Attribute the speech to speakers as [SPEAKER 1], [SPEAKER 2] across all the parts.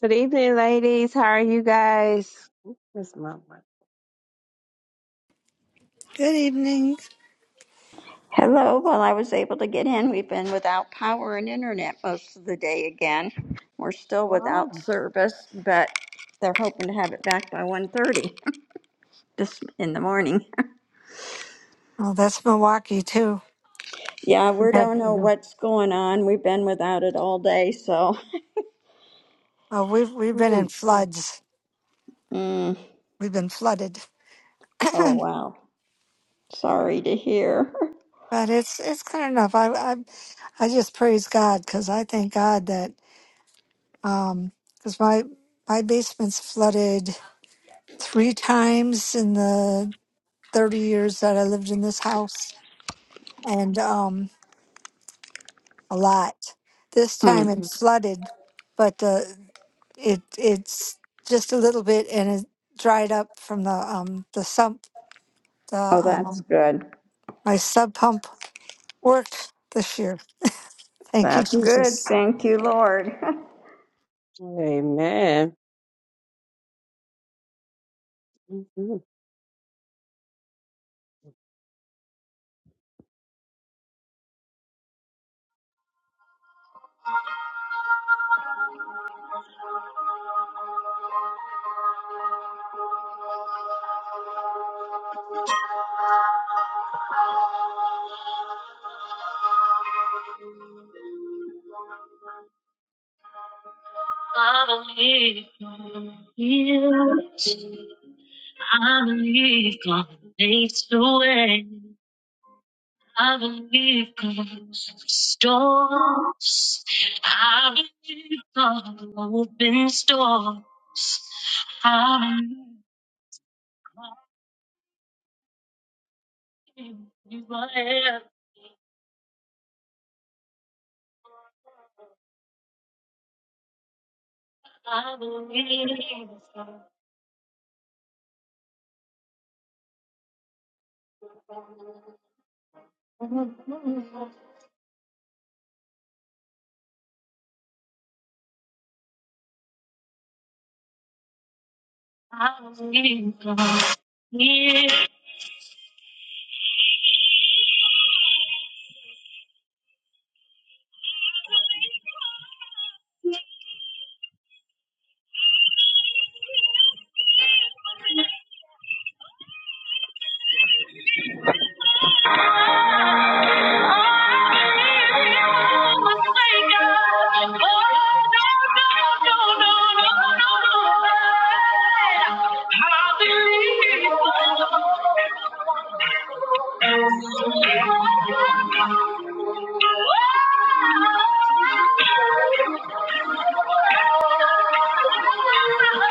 [SPEAKER 1] Good evening, ladies. How are you guys? This my mic.
[SPEAKER 2] Good evening.
[SPEAKER 3] Hello, well, I was able to get in. We've been without power and internet most of the day again. We're still
[SPEAKER 1] Wow.
[SPEAKER 3] without service, but they're hoping to have it back by 1:30 this in the morning.
[SPEAKER 2] Oh, that's Milwaukee too.
[SPEAKER 3] Yeah,
[SPEAKER 2] We've
[SPEAKER 3] we
[SPEAKER 2] had
[SPEAKER 3] don't know what's going on. We've been without it all day, so
[SPEAKER 2] oh, we've we've been in
[SPEAKER 1] Mm.
[SPEAKER 2] floods.
[SPEAKER 3] mm,
[SPEAKER 2] We've been flooded,
[SPEAKER 3] oh
[SPEAKER 2] but
[SPEAKER 3] wow. Sorry to hear.
[SPEAKER 2] it's it's clear enough. I I I just praise God because I thank God that um because my my basement's flooded three times in the thirty years that I lived in this house, and um a lot. This
[SPEAKER 3] Hmm.
[SPEAKER 2] time it's Mhm. flooded, but uh, it it's just a little bit and it dried up from the um the sump the
[SPEAKER 3] Oh, that's
[SPEAKER 2] um
[SPEAKER 3] good.
[SPEAKER 2] my sub pump worked this year. Thank you,
[SPEAKER 3] That's good.
[SPEAKER 2] Jesus.
[SPEAKER 3] Thank you, Lord.
[SPEAKER 1] Amen.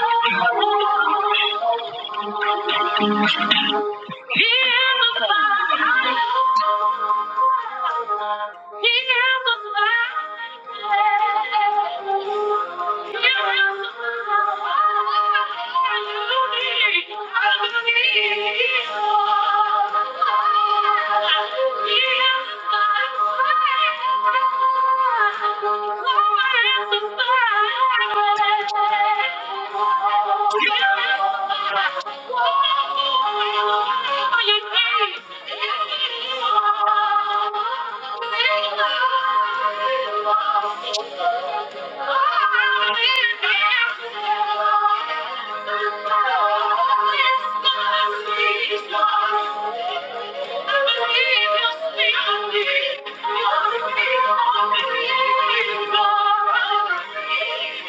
[SPEAKER 1] Mhm. Thank you. Thank you.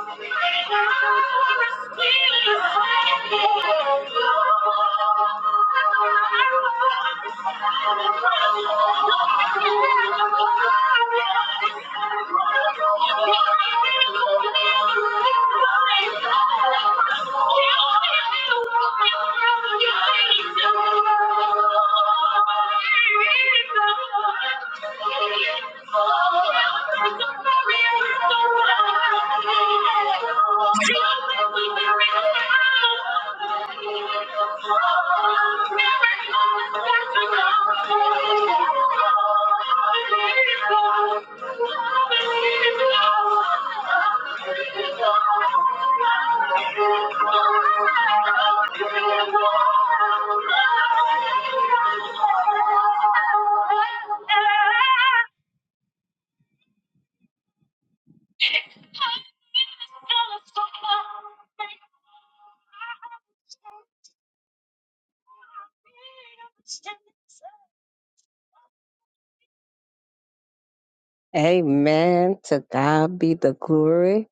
[SPEAKER 1] Thank you. Thank you. Thank you. Amen. To God be the glory.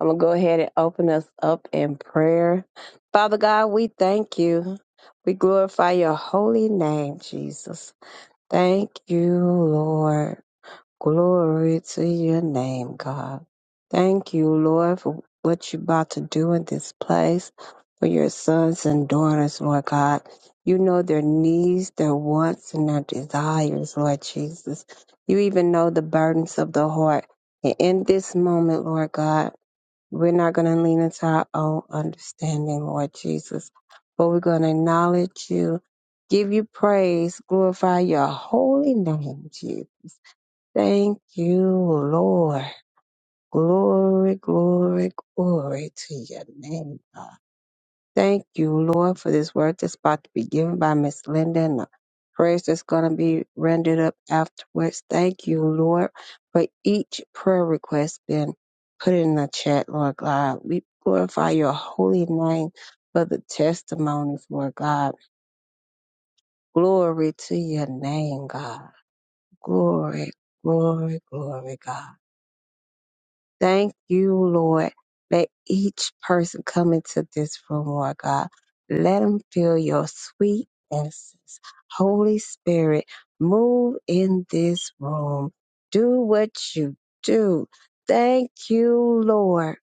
[SPEAKER 1] I'm going to go ahead and open us up in prayer. Father God, we thank you. We glorify your holy name, Jesus. Thank you, Lord. Glory to your name, God. Thank you, Lord, for what you're about to do in this place for your sons and daughters, Lord God. You know their needs, their wants, and their desires, Lord Jesus. You even know the burdens of the heart. And in this moment, Lord God, we're not going to lean into our own understanding, Lord Jesus, but we're going to acknowledge you, give you praise, glorify your holy name, Jesus. Thank you, Lord. Glory, glory, glory to your name, God. Thank you, Lord, for this word that's about to be given by Miss Linda and the prayers that's going to be rendered up afterwards. Thank you, Lord, for each prayer request being put in the chat, Lord God. We glorify your holy name for the testimonies, Lord God. Glory to your name, God. Glory, glory, glory, God. Thank you, Lord. Let each person come into this room, Lord God. Let them feel your sweet essence. Holy Spirit, move in this room. Do what you do. Thank you, Lord.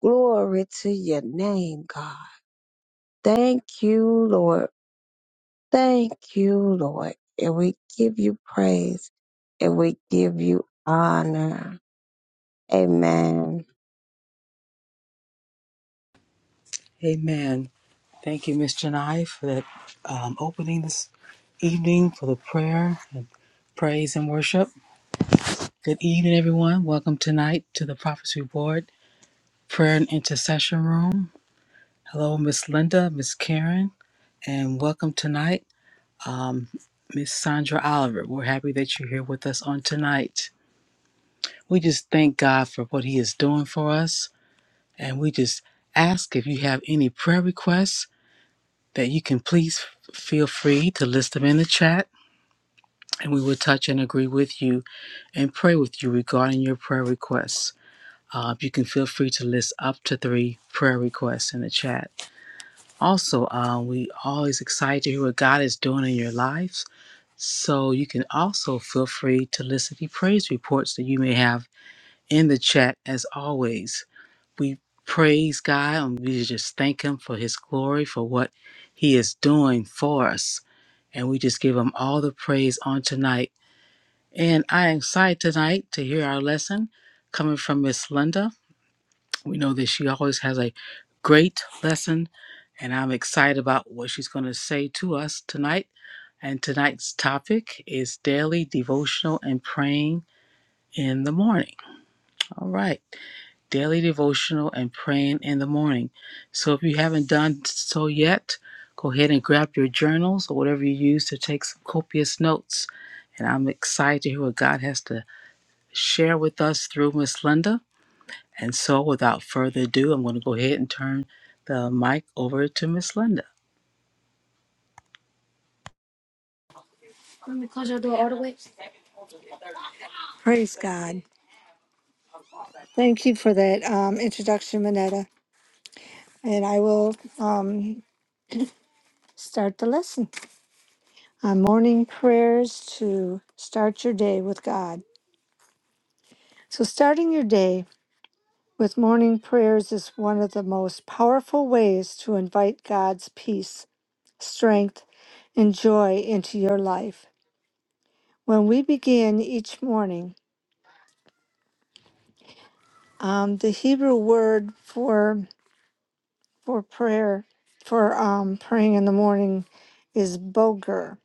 [SPEAKER 1] Glory to your name, God. Thank you, Lord. Thank you, Lord. And we give you praise and we give you honor. Amen.
[SPEAKER 4] Amen. Thank you, Miss Janai, for that um, opening this evening for the prayer and praise and worship. Good evening, everyone. Welcome tonight to the Prophecy Board Prayer and Intercession Room. Hello, Miss Linda, Miss Karen, and welcome tonight, um, Miss Sandra Oliver. We're happy that you're here with us on tonight. We just thank God for what He is doing for us, and we just ask if you have any prayer requests that you can please f- feel free to list them in the chat and we will touch and agree with you and pray with you regarding your prayer requests. Uh, you can feel free to list up to three prayer requests in the chat. Also, uh, we always excited to hear what God is doing in your lives. So you can also feel free to list any praise reports that you may have in the chat. As always, we praise God and we just thank Him for His glory for what He is doing for us. And we just give him all the praise on tonight. And I am excited tonight to hear our lesson coming from Miss Linda. We know that she always has a great lesson, and I'm excited about what she's going to say to us tonight. And tonight's topic is daily devotional and praying in the morning. All right daily devotional and praying in the morning. So if you haven't done so yet, go ahead and grab your journals or whatever you use to take some copious notes. And I'm excited to hear what God has to share with us through Miss Linda. And so without further ado, I'm going to go ahead and turn the mic over to Miss Linda.
[SPEAKER 2] Praise God. Thank you for that um, introduction, Manetta. And I will um, start the lesson on morning prayers to start your day with God. So, starting your day with morning prayers is one of the most powerful ways to invite God's peace, strength, and joy into your life. When we begin each morning, um, the Hebrew word for for prayer, for um, praying in the morning, is boger.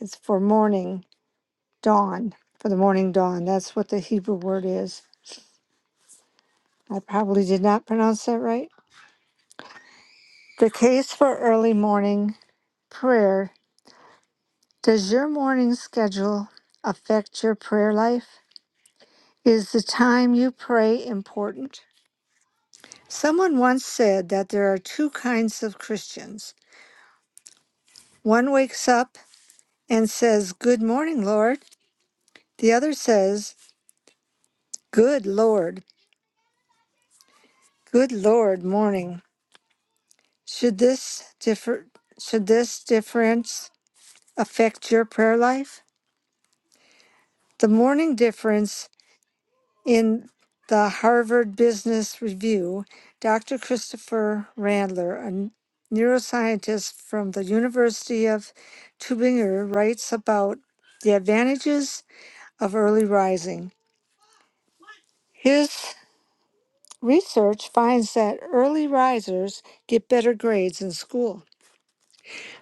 [SPEAKER 2] It's for morning dawn, for the morning dawn. That's what the Hebrew word is. I probably did not pronounce that right. The case for early morning prayer Does your morning schedule affect your prayer life? Is the time you pray important? Someone once said that there are two kinds of Christians. One wakes up and says, Good morning, Lord. The other says, Good Lord, good Lord, morning. Should this differ should this difference affect your prayer life? The morning difference In the Harvard Business Review, Dr. Christopher Randler, a neuroscientist from the University of Tübingen, writes about the advantages of early rising. His research finds that early risers get better grades in school.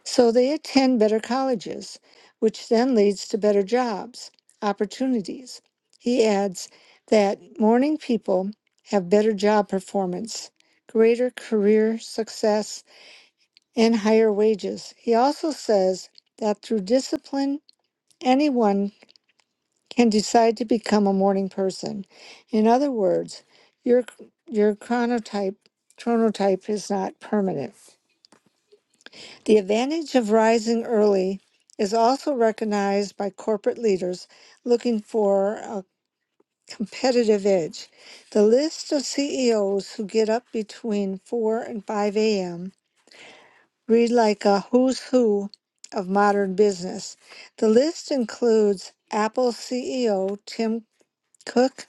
[SPEAKER 2] So they attend better colleges, which then leads to better jobs, opportunities. He adds that morning people have better job performance, greater career success, and higher wages. He also says that through discipline, anyone can decide to become a morning person. In other words, your your chronotype chronotype is not permanent. The advantage of rising early is also recognized by corporate leaders looking for a competitive edge. The list of CEOs who get up between 4 and 5 a.m. read like a who's who of modern business. The list includes Apple CEO Tim Cook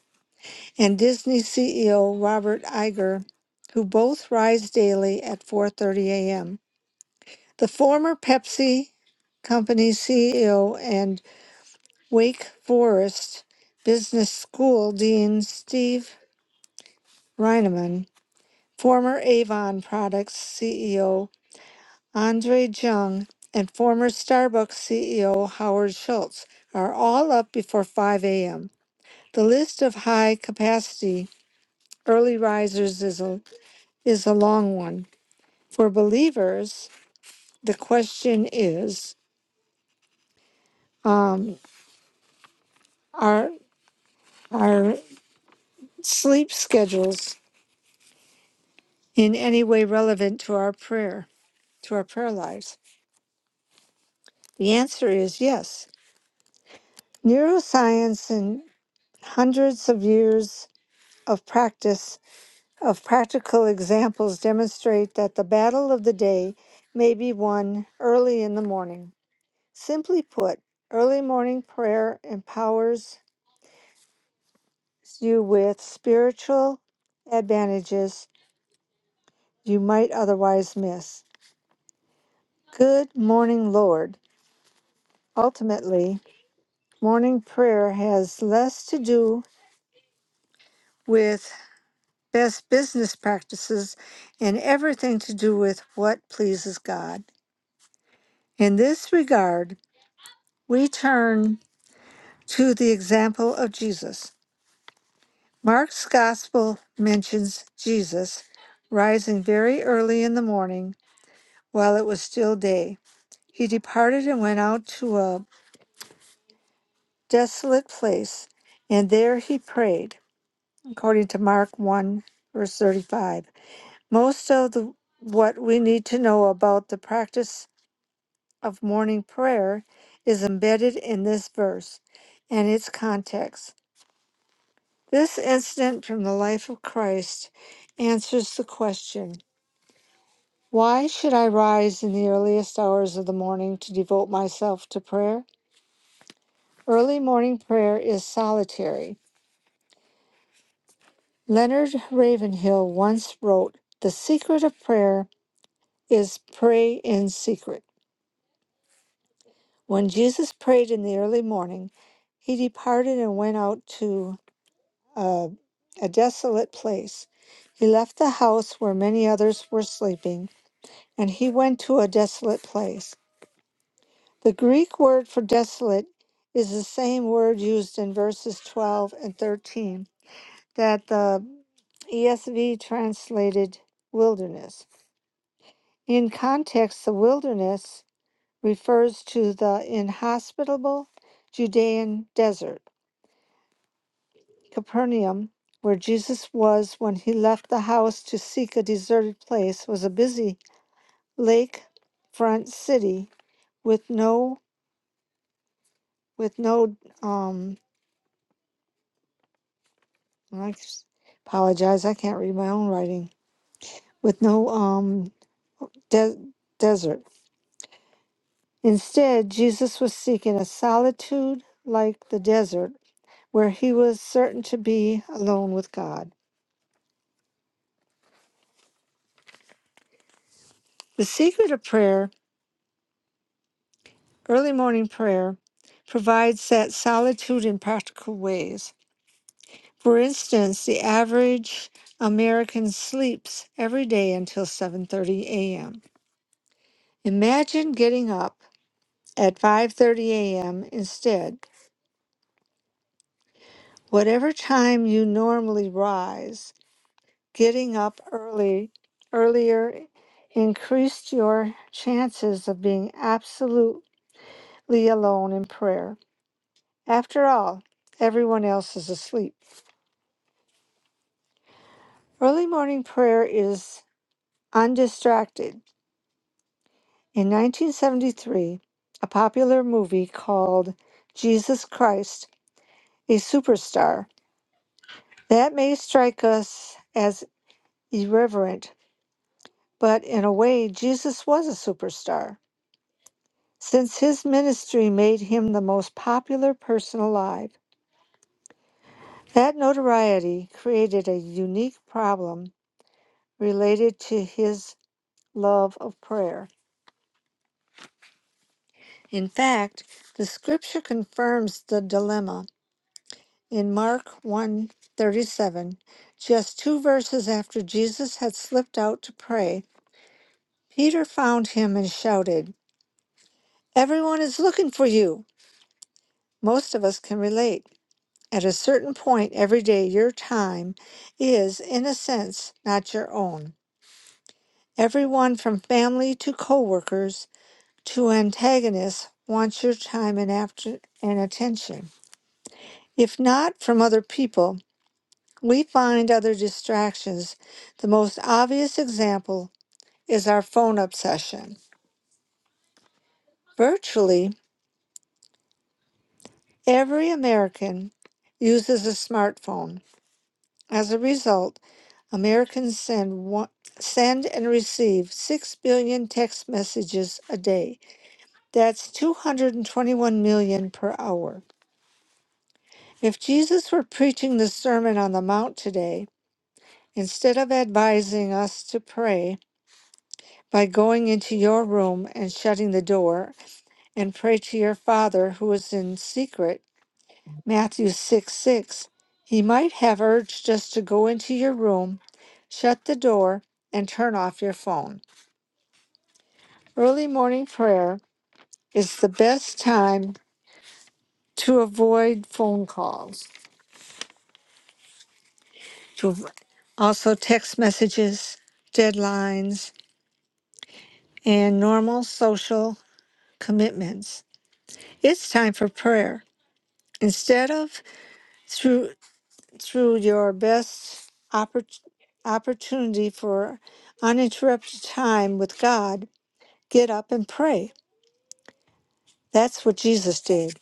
[SPEAKER 2] and Disney CEO Robert Iger, who both rise daily at 4:30 a.m. The former Pepsi Company CEO and Wake Forest Business School Dean Steve Reineman, former Avon Products CEO Andre Jung, and former Starbucks CEO Howard Schultz are all up before 5 a.m. The list of high capacity early risers is a, is a long one. For believers, the question is um, are, are sleep schedules in any way relevant to our prayer, to our prayer lives? The answer is yes. Neuroscience and hundreds of years of practice of practical examples demonstrate that the battle of the day may be won early in the morning. Simply put, early morning prayer empowers you with spiritual advantages you might otherwise miss. Good morning, Lord. Ultimately, Morning prayer has less to do with best business practices and everything to do with what pleases God. In this regard, we turn to the example of Jesus. Mark's gospel mentions Jesus rising very early in the morning while it was still day. He departed and went out to a desolate place, and there he prayed, according to Mark 1, verse 35. Most of the, what we need to know about the practice of morning prayer is embedded in this verse and its context. This incident from the life of Christ answers the question Why should I rise in the earliest hours of the morning to devote myself to prayer? Early morning prayer is solitary. Leonard Ravenhill once wrote, The secret of prayer is pray in secret. When Jesus prayed in the early morning, he departed and went out to uh, a desolate place. He left the house where many others were sleeping, and he went to a desolate place. The Greek word for desolate is the same word used in verses 12 and 13 that the ESV translated wilderness. In context, the wilderness refers to the inhospitable Judean desert Capernaum, where Jesus was when he left the house to seek a deserted place, was a busy lakefront city with no with no um I apologize, I can't read my own writing. With no um de- desert. Instead, Jesus was seeking a solitude like the desert where he was certain to be alone with God. The secret of prayer Early morning prayer provides that solitude in practical ways. For instance, the average American sleeps every day until 7:30 a.m. Imagine getting up at 5:30 a.m. instead. Whatever time you normally rise, getting up early earlier increased your chances of being absolutely alone in prayer. After all, everyone else is asleep. Early morning prayer is undistracted. In 1973, a popular movie called Jesus Christ, a Superstar, that may strike us as irreverent, but in a way, Jesus was a superstar, since his ministry made him the most popular person alive. That notoriety created a unique problem related to his love of prayer. In fact, the scripture confirms the dilemma in Mark one thirty-seven, Just two verses after Jesus had slipped out to pray, Peter found him and shouted, "Everyone is looking for you." Most of us can relate. At a certain point every day, your time is, in a sense, not your own. Everyone from family to coworkers to antagonists wants your time and, after- and attention. If not from other people, We find other distractions. The most obvious example is our phone obsession. Virtually every American uses a smartphone. As a result, Americans send one, send and receive 6 billion text messages a day. That's 221 million per hour. If Jesus were preaching the Sermon on the Mount today, instead of advising us to pray, by going into your room and shutting the door and pray to your father who is in secret matthew 6 6 he might have urged just to go into your room shut the door and turn off your phone early morning prayer is the best time to avoid phone calls to also text messages deadlines and normal social commitments it's time for prayer instead of through. through your best oppor- opportunity for uninterrupted time with God, get up and pray. That's what Jesus did.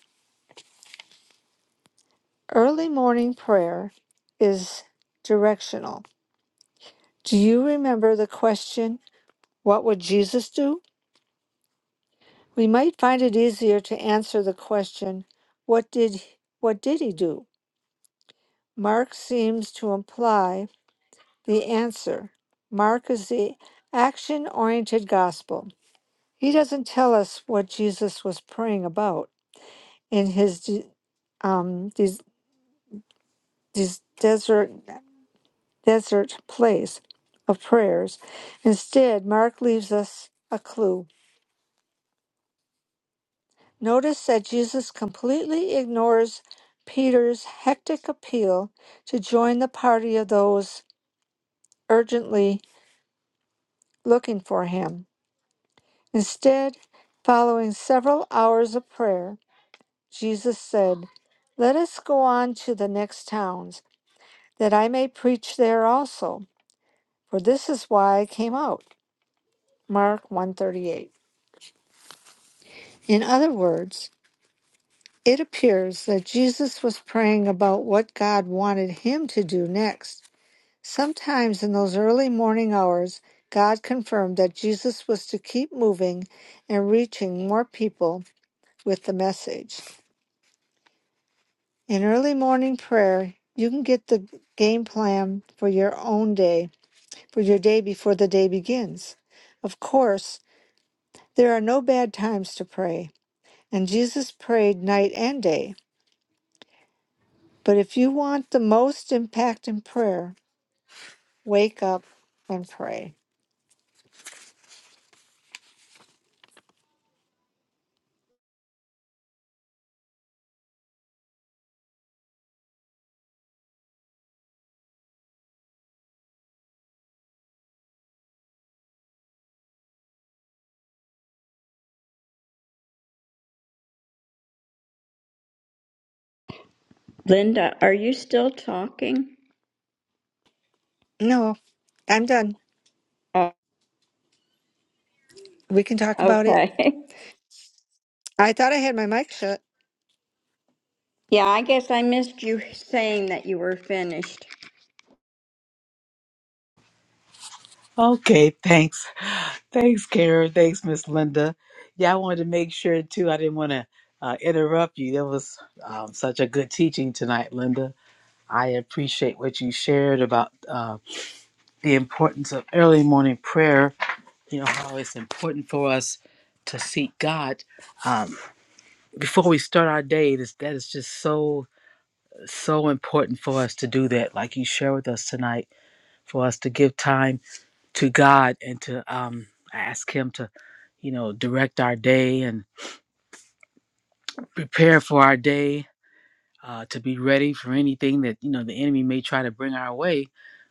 [SPEAKER 2] Early morning prayer is directional. Do you remember the question, What would Jesus do? We might find it easier to answer the question, What did, what did he do? Mark seems to imply the answer. Mark is the action oriented gospel. He doesn't tell us what Jesus was praying about in his de- um, this, this desert desert place of prayers. Instead, Mark leaves us a clue. Notice that Jesus completely ignores Peter's hectic appeal to join the party of those urgently looking for him. Instead, following several hours of prayer, Jesus said, "Let us go on to the next towns." that I may preach there also, for this is why I came out. Mark 138. In other words, it appears that Jesus was praying about what God wanted him to do next. Sometimes in those early morning hours, God confirmed that Jesus was to keep moving and reaching more people with the message. In early morning prayer, you can get the game plan for your own day, for your day before the day begins. Of course, There are no bad times to pray, and Jesus prayed night and day. But if you want the most impact in prayer, wake up and pray.
[SPEAKER 3] Linda, are you still talking?
[SPEAKER 2] No, I'm done.
[SPEAKER 3] Oh,
[SPEAKER 2] We can talk about it.
[SPEAKER 3] okay.
[SPEAKER 2] I thought I had my mic shut.
[SPEAKER 3] Yeah, I guess I missed you saying that you were finished.
[SPEAKER 4] Okay, thanks. Thanks, Karen. Thanks, Miss Linda. Yeah, I wanted to make sure too. I didn't want to uh, interrupt you. That was um, such a good teaching tonight, Linda. I appreciate what you shared about uh, the importance of early morning prayer. You know how it's important for us to seek God um, before we start our day. This, that is just so so important for us to do that. Like you share with us tonight, for us to give time to God and to um, ask Him to, you know, direct our day and prepare for our day uh, to be ready for anything that you know the enemy may try to bring our way.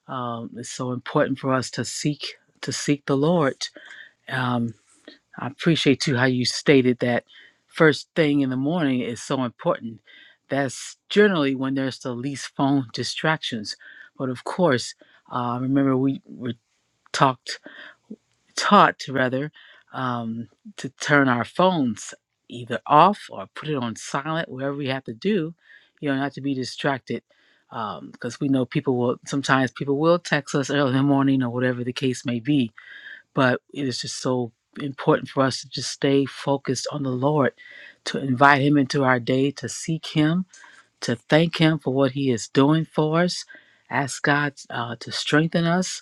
[SPEAKER 4] Um, it's so important for us to seek to seek the Lord. Um, I appreciate too how you stated that first thing in the morning is so important. That's generally when there's the least phone distractions. But of course, uh, remember we were talked taught rather um, to turn our phones either off or put it on silent whatever we have to do you know not to be distracted because we know people will sometimes people will text us early in the morning or whatever the case may be but it is just so important for us to just stay focused on the lord to invite him into our day to seek him to thank him for what he is doing for us ask god uh, to strengthen us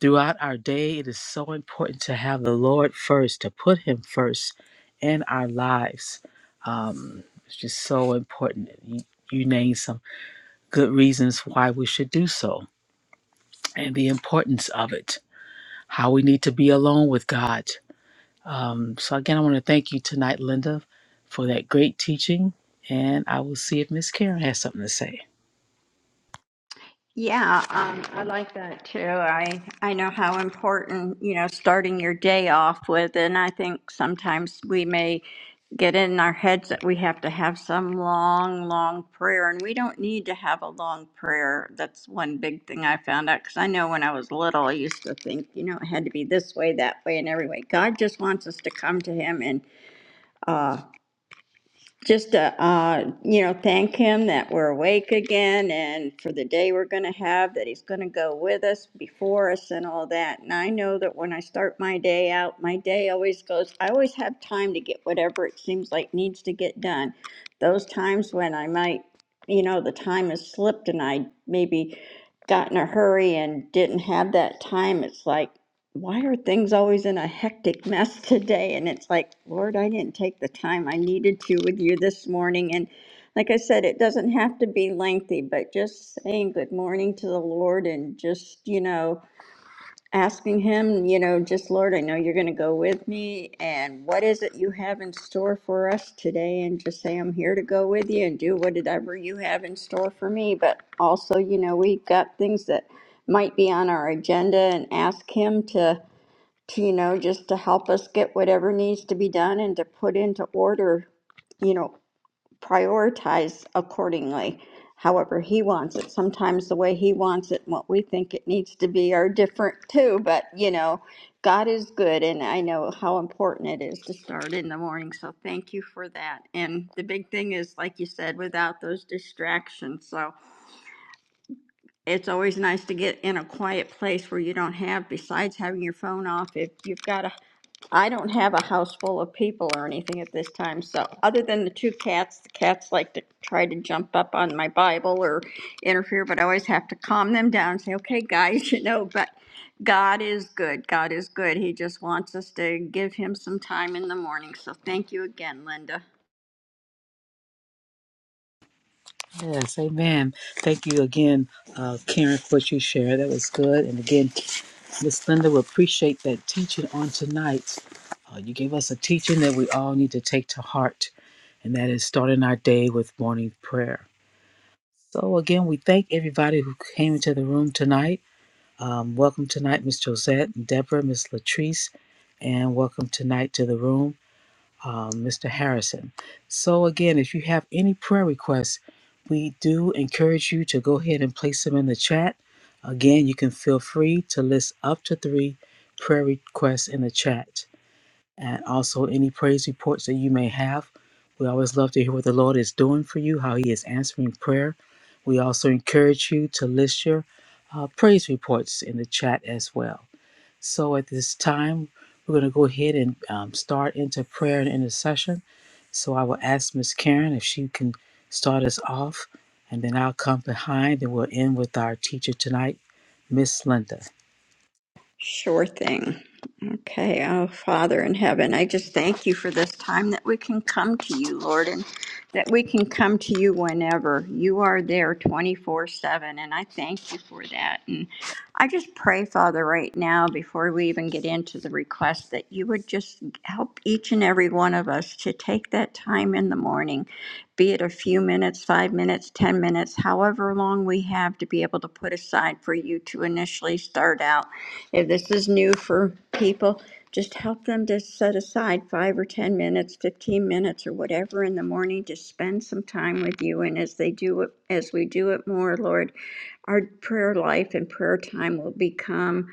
[SPEAKER 4] Throughout our day, it is so important to have the Lord first, to put Him first in our lives. Um, it's just so important. You, you named some good reasons why we should do so and the importance of it, how we need to be alone with God. Um, so, again, I want to thank you tonight, Linda, for that great teaching. And I will see if Miss Karen has something to say.
[SPEAKER 3] Yeah, um, I like that too. I I know how important you know starting your day off with, and I think sometimes we may get in our heads that we have to have some long, long prayer, and we don't need to have a long prayer. That's one big thing I found out because I know when I was little, I used to think you know it had to be this way, that way, and every way. God just wants us to come to Him and. uh, just to, uh, you know, thank him that we're awake again and for the day we're going to have, that he's going to go with us, before us, and all that. And I know that when I start my day out, my day always goes, I always have time to get whatever it seems like needs to get done. Those times when I might, you know, the time has slipped and I maybe got in a hurry and didn't have that time, it's like, why are things always in a hectic mess today? And it's like, Lord, I didn't take the time I needed to with you this morning. And like I said, it doesn't have to be lengthy, but just saying good morning to the Lord and just, you know, asking Him, you know, just Lord, I know you're going to go with me. And what is it you have in store for us today? And just say, I'm here to go with you and do whatever you have in store for me. But also, you know, we've got things that might be on our agenda and ask Him to to, you know, just to help us get whatever needs to be done and to put into order, you know, prioritize accordingly, however he wants it. Sometimes the way he wants it and what we think it needs to be are different too, but, you know, God is good and I know how important it is to start in the morning. So thank you for that. And the big thing is, like you said, without those distractions. So it's always nice to get in a quiet place where you don't have, besides having your phone off, if you've got a I don't have a house full of people or anything at this time, so other than the two cats, the cats like to try to jump up on my Bible or interfere, but I always have to calm them down and say, okay, guys, you know, but God is good. God is good. He just wants us to give him some time in the morning. So thank you again, Linda.
[SPEAKER 4] Yes, amen. Thank you again, uh, Karen, for what you shared. That was good. And again, Miss Linda will appreciate that teaching on tonight. Uh, you gave us a teaching that we all need to take to heart, and that is starting our day with morning prayer. So, again, we thank everybody who came into the room tonight. Um, welcome tonight, Miss Josette, Deborah, Miss Latrice, and welcome tonight to the room um, Mr. Harrison. So, again, if you have any prayer requests, we do encourage you to go ahead and place them in the chat. Again, you can feel free to list up to three prayer requests in the chat and also any praise reports that you may have. We always love to hear what the Lord is doing for you, how He is answering prayer. We also encourage you to list your uh, praise reports in the chat as well. So at this time, we're going to go ahead and um, start into prayer and intercession. So I will ask Miss Karen if she can start us off, and then I'll come behind and we'll end with our teacher tonight, Miss Linda.
[SPEAKER 3] Sure thing. Okay. Oh, Father in heaven, I just thank you for this time that we can come to you, Lord, and that we can come to you whenever. You are there 24 7, and I thank you for that. And I just pray, Father, right now, before we even get into the request, that you would just help each and every one of us to take that time in the morning, be it a few minutes, five minutes, 10 minutes, however long we have to be able to put aside for you to initially start out if this is new for people, just help them to set aside five or 10 minutes, 15 minutes or whatever in the morning to spend some time with you. And as they do it, as we do it more, Lord, our prayer life and prayer time will become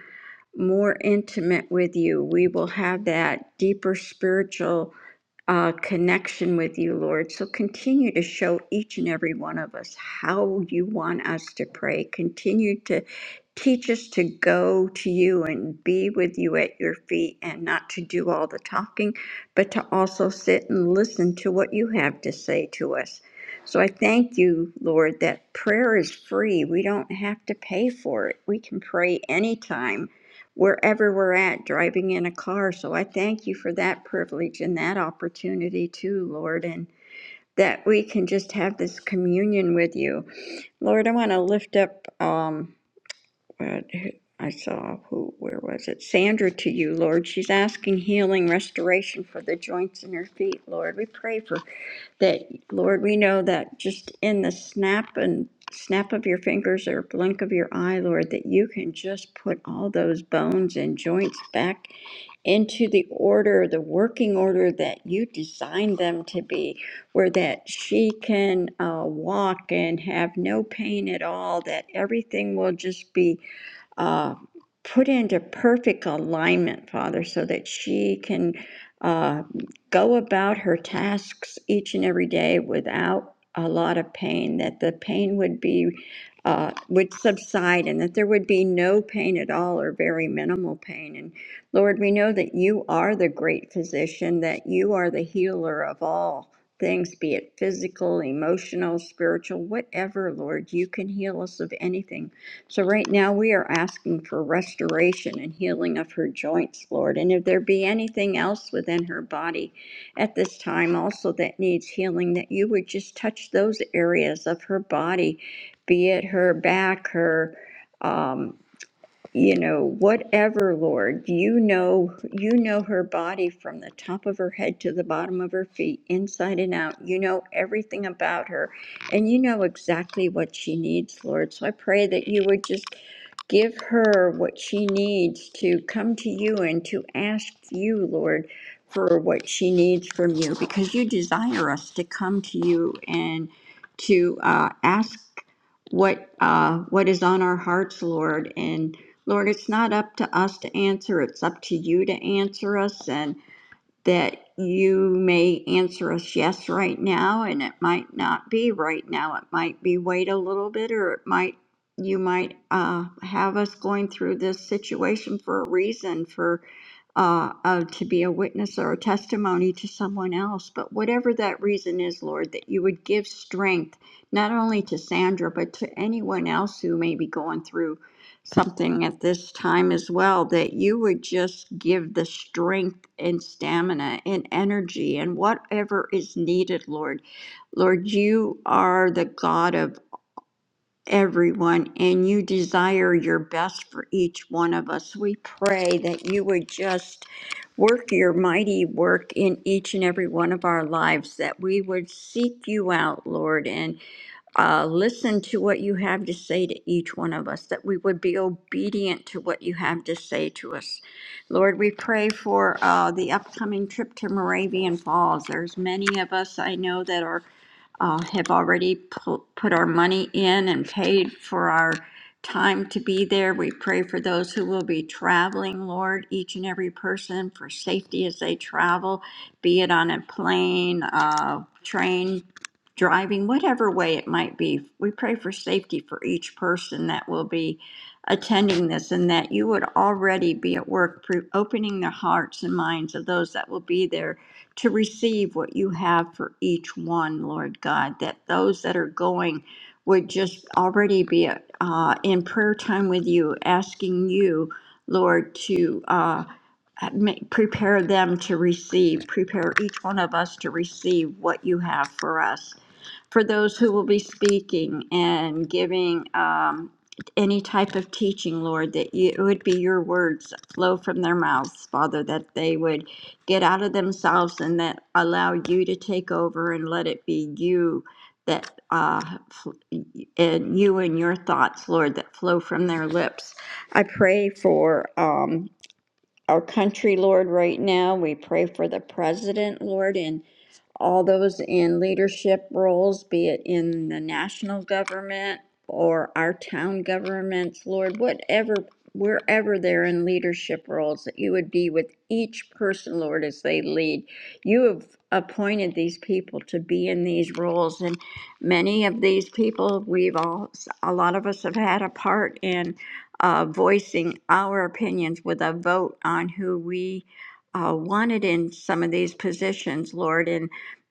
[SPEAKER 3] more intimate with you. We will have that deeper spiritual uh, connection with you, Lord. So continue to show each and every one of us how you want us to pray. Continue to teach us to go to you and be with you at your feet and not to do all the talking, but to also sit and listen to what you have to say to us. So I thank you, Lord, that prayer is free. We don't have to pay for it. We can pray anytime wherever we're at driving in a car. So I thank you for that privilege and that opportunity too, Lord, and that we can just have this communion with you. Lord, I want to lift up um what- I saw who where was it? Sandra to you, Lord. She's asking healing, restoration for the joints in her feet, Lord. We pray for that, Lord, we know that just in the snap and snap of your fingers or blink of your eye, Lord, that you can just put all those bones and joints back into the order, the working order that you designed them to be, where that she can uh, walk and have no pain at all, that everything will just be uh, put into perfect alignment, Father, so that she can uh, go about her tasks each and every day without a lot of pain, that the pain would be. Uh, would subside and that there would be no pain at all or very minimal pain. And Lord, we know that you are the great physician, that you are the healer of all things, be it physical, emotional, spiritual, whatever, Lord. You can heal us of anything. So right now we are asking for restoration and healing of her joints, Lord. And if there be anything else within her body at this time also that needs healing, that you would just touch those areas of her body, be it her back, her. Um, you know, whatever, Lord, you know, you know her body from the top of her head to the bottom of her feet, inside and out. You know everything about her, and you know exactly what she needs, Lord. So I pray that you would just give her what she needs to come to you and to ask you, Lord, for what she needs from you, because you desire us to come to you and to uh, ask what uh, what is on our hearts, Lord, and Lord, it's not up to us to answer, it's up to you to answer us, and that you may answer us yes right now, and it might not be right now. It might be wait a little bit, or it might, you might uh, have us going through this situation for a reason, for uh, uh, to be a witness or a testimony to someone else. But whatever that reason is, Lord, that you would give strength not only to Sandra, but to anyone else who may be going through something at this time as well that you would just give the strength and stamina and energy and whatever is needed, Lord. Lord, you are the God of everyone and you desire your best for each one of us. We pray that you would just work your mighty work in each and every one of our lives, that we would seek you out, Lord, and uh, listen to what you have to say to each one of us, that we would be obedient to what you have to say to us. Lord, we pray for uh, the upcoming trip to Moravian Falls. There's many of us I know that are uh, have already pu- put our money in and paid for our time to be there. We pray for those who will be traveling, Lord, each and every person for safety as they travel, be it on a plane, uh, train, driving, whatever way it might be. We pray for safety for each person that will be attending this and that you would already be at work pre- opening the hearts and minds of those that will be there to receive what you have for each one, Lord God, that those that are going would just already be uh, in prayer time with you, asking you, Lord, to uh, ma- prepare them to receive, prepare each one of us to receive what you have for us. For those who will be speaking and giving um, any type of teaching, Lord, that you, it would be your words that flow from their mouths, Father, that they would get out of themselves and that allow you to take over and let it be you that uh, and you and your thoughts, Lord, that flow from their lips. I pray for um, our country, Lord, right now. We pray for the president, Lord, and all those in leadership roles, be it in the national government or our town governments, Lord, whatever, wherever they're in leadership roles, that you would be with each person, Lord, as they lead. You have appointed these people to be in these roles, and many of these people, we've all, a lot of us have had a part in uh, voicing our opinions with a vote on who we uh, wanted in some of these positions, Lord. and.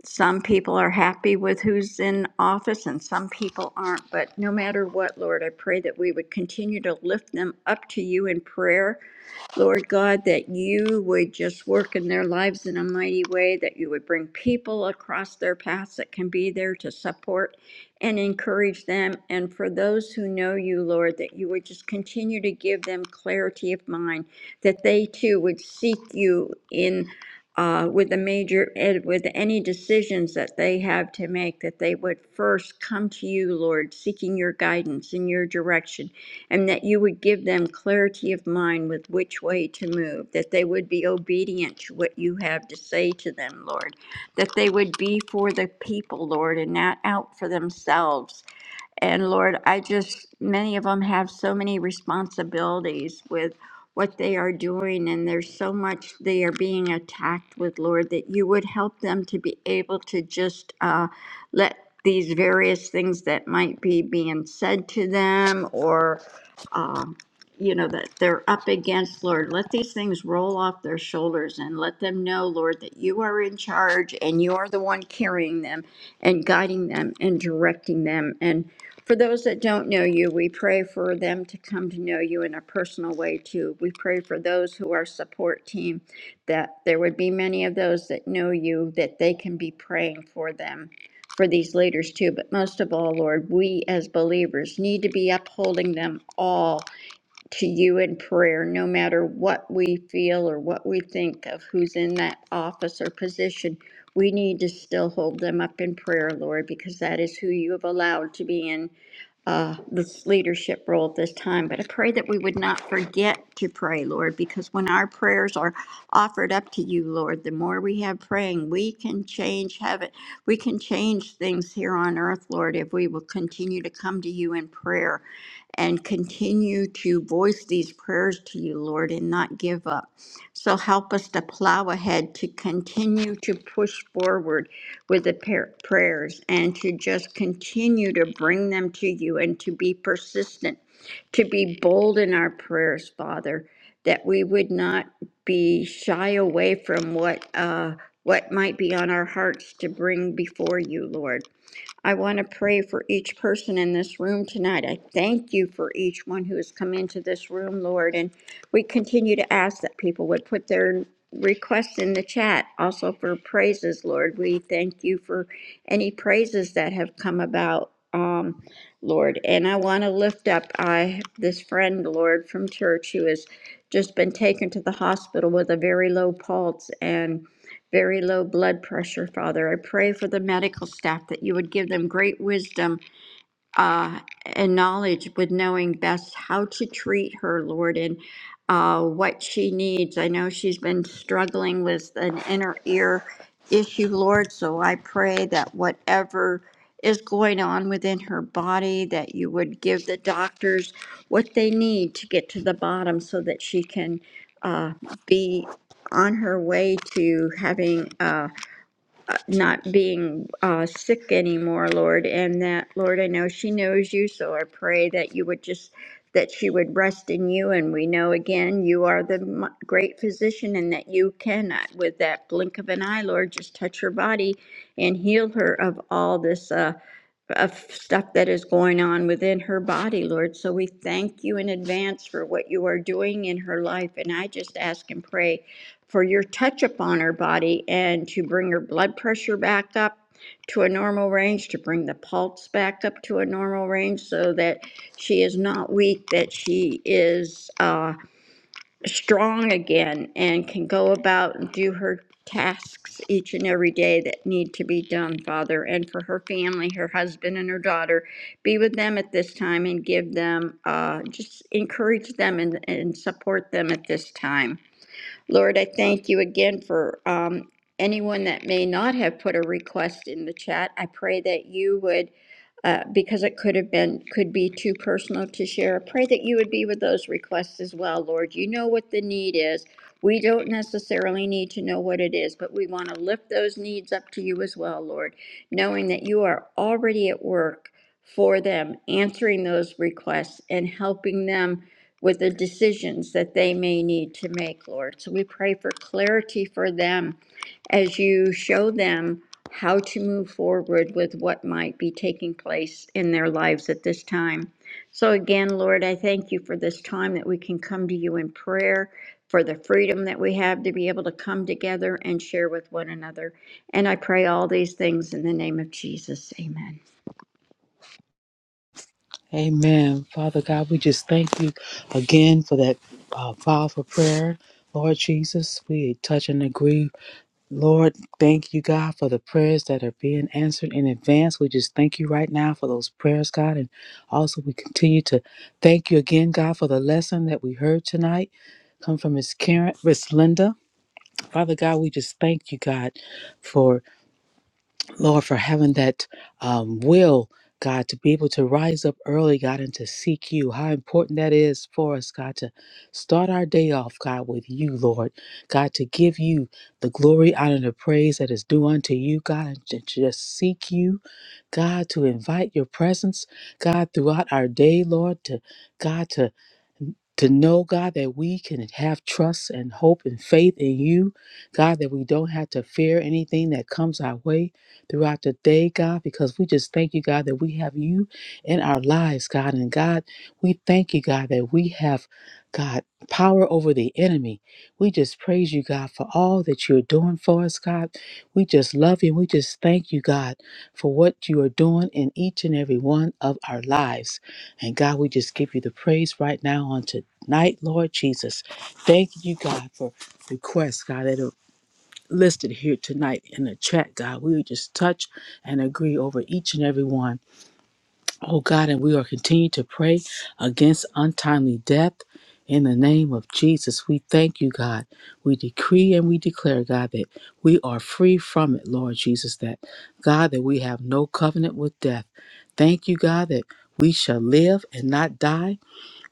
[SPEAKER 3] Some people are happy with who's in office and some people aren't. But no matter what, Lord, I pray that we would continue to lift them up to you in prayer Lord God, that you would just work in their lives in a mighty way, that you would bring people across their paths that can be there to support and encourage them. And for those who know you, Lord, that you would just continue to give them clarity of mind, that they too would seek you in. Uh, with the major, eh, with any decisions that they have to make, that they would first come to you, Lord, seeking your guidance and your direction, and that you would give them clarity of mind with which way to move, that they would be obedient to what you have to say to them, Lord, that they would be for the people, Lord, and not out for themselves and Lord, I just, many of them have so many responsibilities with what they are doing, and there's so much they are being attacked with, Lord, that you would help them to be able to just uh, let these various things that might be being said to them or, uh, you know, that they're up against, Lord, let these things roll off their shoulders and let them know, Lord, that you are in charge and you are the one carrying them and guiding them and directing them. And for those that don't know you, we pray for them to come to know you in a personal way too. We pray for those who are support team that there would be many of those that know you that they can be praying for them for these leaders too. But most of all, Lord, we as believers need to be upholding them all to you in prayer, no matter what we feel or what we think of who's in that office or position. We need to still hold them up in prayer, Lord, because that is who you have allowed to be in uh, this leadership role at this time. But I pray that we would not forget to pray, Lord, because when our prayers are offered up to you, Lord, the more we have praying, we can change heaven. We can change things here on earth, Lord, if we will continue to come to you in prayer and continue to voice these prayers to you, Lord, and not give up. So help us to plow ahead, to continue to push forward with the par- prayers, and to just continue to bring them to you and to be persistent, to be bold in our prayers, Father, that we would not be shy away from what uh, what might be on our hearts to bring before you, Lord. I want to pray for each person in this room tonight. I thank you for each one who has come into this room, Lord. And we continue to ask that people would put their requests in the chat also for praises, Lord. We thank you for any praises that have come about. Um, Lord, and I want to lift up I this friend, Lord, from church who has just been taken to the hospital with a very low pulse, and very low blood pressure, Father. I pray for the medical staff that you would give them great wisdom uh, and knowledge with knowing best how to treat her, Lord, and uh, what she needs. I know she's been struggling with an inner ear issue, Lord, so I pray that whatever is going on within her body, that you would give the doctors what they need to get to the bottom so that she can uh, be on her way to having. uh, uh, not being uh, sick anymore, Lord, and that, Lord, I know she knows you, so I pray that you would just, that she would rest in you. And we know again, you are the m- great physician and that you cannot, with that blink of an eye, Lord, just touch her body and heal her of all this. Uh, of stuff that is going on within her body, Lord. So we thank you in advance for what you are doing in her life. And I just ask and pray for your touch upon her body and to bring her blood pressure back up to a normal range, to bring the pulse back up to a normal range so that she is not weak, that she is uh, strong again and can go about and do her tasks each and every day that need to be done, Father. And for her family, her husband and her daughter, be with them at this time and give them, uh, just encourage them and, and support them at this time. Lord, I thank you again for um, anyone that may not have put a request in the chat. I pray that you would, uh, because it could have been, could be too personal to share, I pray that you would be with those requests as well, Lord. You know what the need is. We don't necessarily need to know what it is, but we want to lift those needs up to you as well, Lord, knowing that you are already at work for them, answering those requests and helping them with the decisions that they may need to make, Lord. So we pray for clarity for them as you show them how to move forward with what might be taking place in their lives at this time. So again, Lord, I thank you for this time that we can come to you in prayer, for the freedom that we have to be able to come together and share with one another. And I pray all these things in the name of Jesus. Amen.
[SPEAKER 4] Amen. Father God, we just thank you again for that uh, powerful prayer. Lord Jesus, we touch and agree Lord, thank you, God, for the prayers that are being answered in advance. We just thank you right now for those prayers, God. And also, we continue to thank you again, God, for the lesson that we heard tonight. Come from Miss Karen, Miss Linda. Father God, we just thank you, God, for Lord, for having that um, will, God, to be able to rise up early, God, and to seek you. How important that is for us, God, to start our day off, God, with you, Lord. God, to give you the glory, honor, and the praise that is due unto you, God, and to just seek you, God, to invite your presence, God, throughout our day, Lord, to God, to to know, God, that we can have trust and hope and faith in you, God, that we don't have to fear anything that comes our way throughout the day, God, because we just thank you, God, that we have you in our lives, God. And God, we thank you, God, that we have, God, power over the enemy. We just praise you, God, for all that you're doing for us, God. We just love you. And We just thank you, God, for what you are doing in each and every one of our lives. And God, we just give you the praise right now on tonight, Lord Jesus. Thank you, God, for requests, God, that are listed here tonight in the chat, God. We would just touch and agree over each and every one. Oh, God, and we are continuing to pray against untimely death. In the name of Jesus, we thank you, God. We decree and we declare, God, that we are free from it, Lord Jesus, that God, that we have no covenant with death. Thank you, God, that we shall live and not die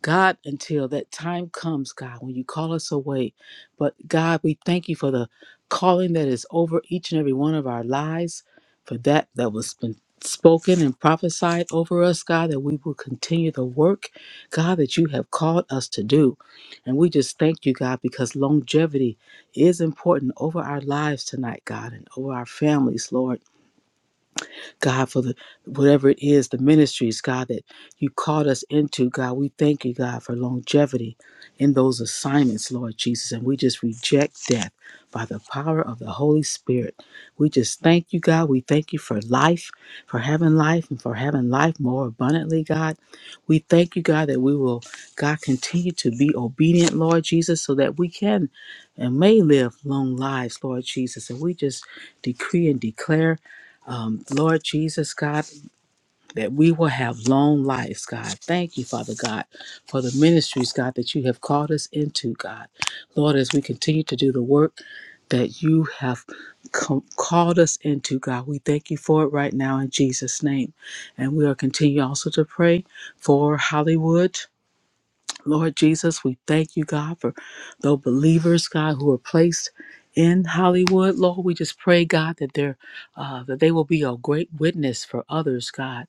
[SPEAKER 4] God, until that time comes, God, when you call us away. But God, we thank you for the calling that is over each and every one of our lives, for that that was been spoken and prophesied over us, God, that we will continue the work, God, that you have called us to do. And we just thank you, God, because longevity is important over our lives tonight, God, and over our families, Lord. God, for the, whatever it is, the ministries, God, that you called us into, God. We thank you, God, for longevity in those assignments, Lord Jesus. And we just reject death by the power of the Holy Spirit. We just thank you, God. We thank you for life, for having life, and for having life more abundantly, God. We thank you, God, that we will, God, continue to be obedient, Lord Jesus, so that we can and may live long lives, Lord Jesus. And we just decree and declare um, Lord Jesus, God, that we will have long lives, God. Thank you, Father God, for the ministries, God, that you have called us into, God. Lord, as we continue to do the work that you have com- called us into, God, we thank you for it right now in Jesus' name. And we are continue also to pray for Hollywood Lord Jesus, we thank you, God, for the believers, God, who are placed in Hollywood. Lord, we just pray, God, that they're uh, that they will be a great witness for others, God.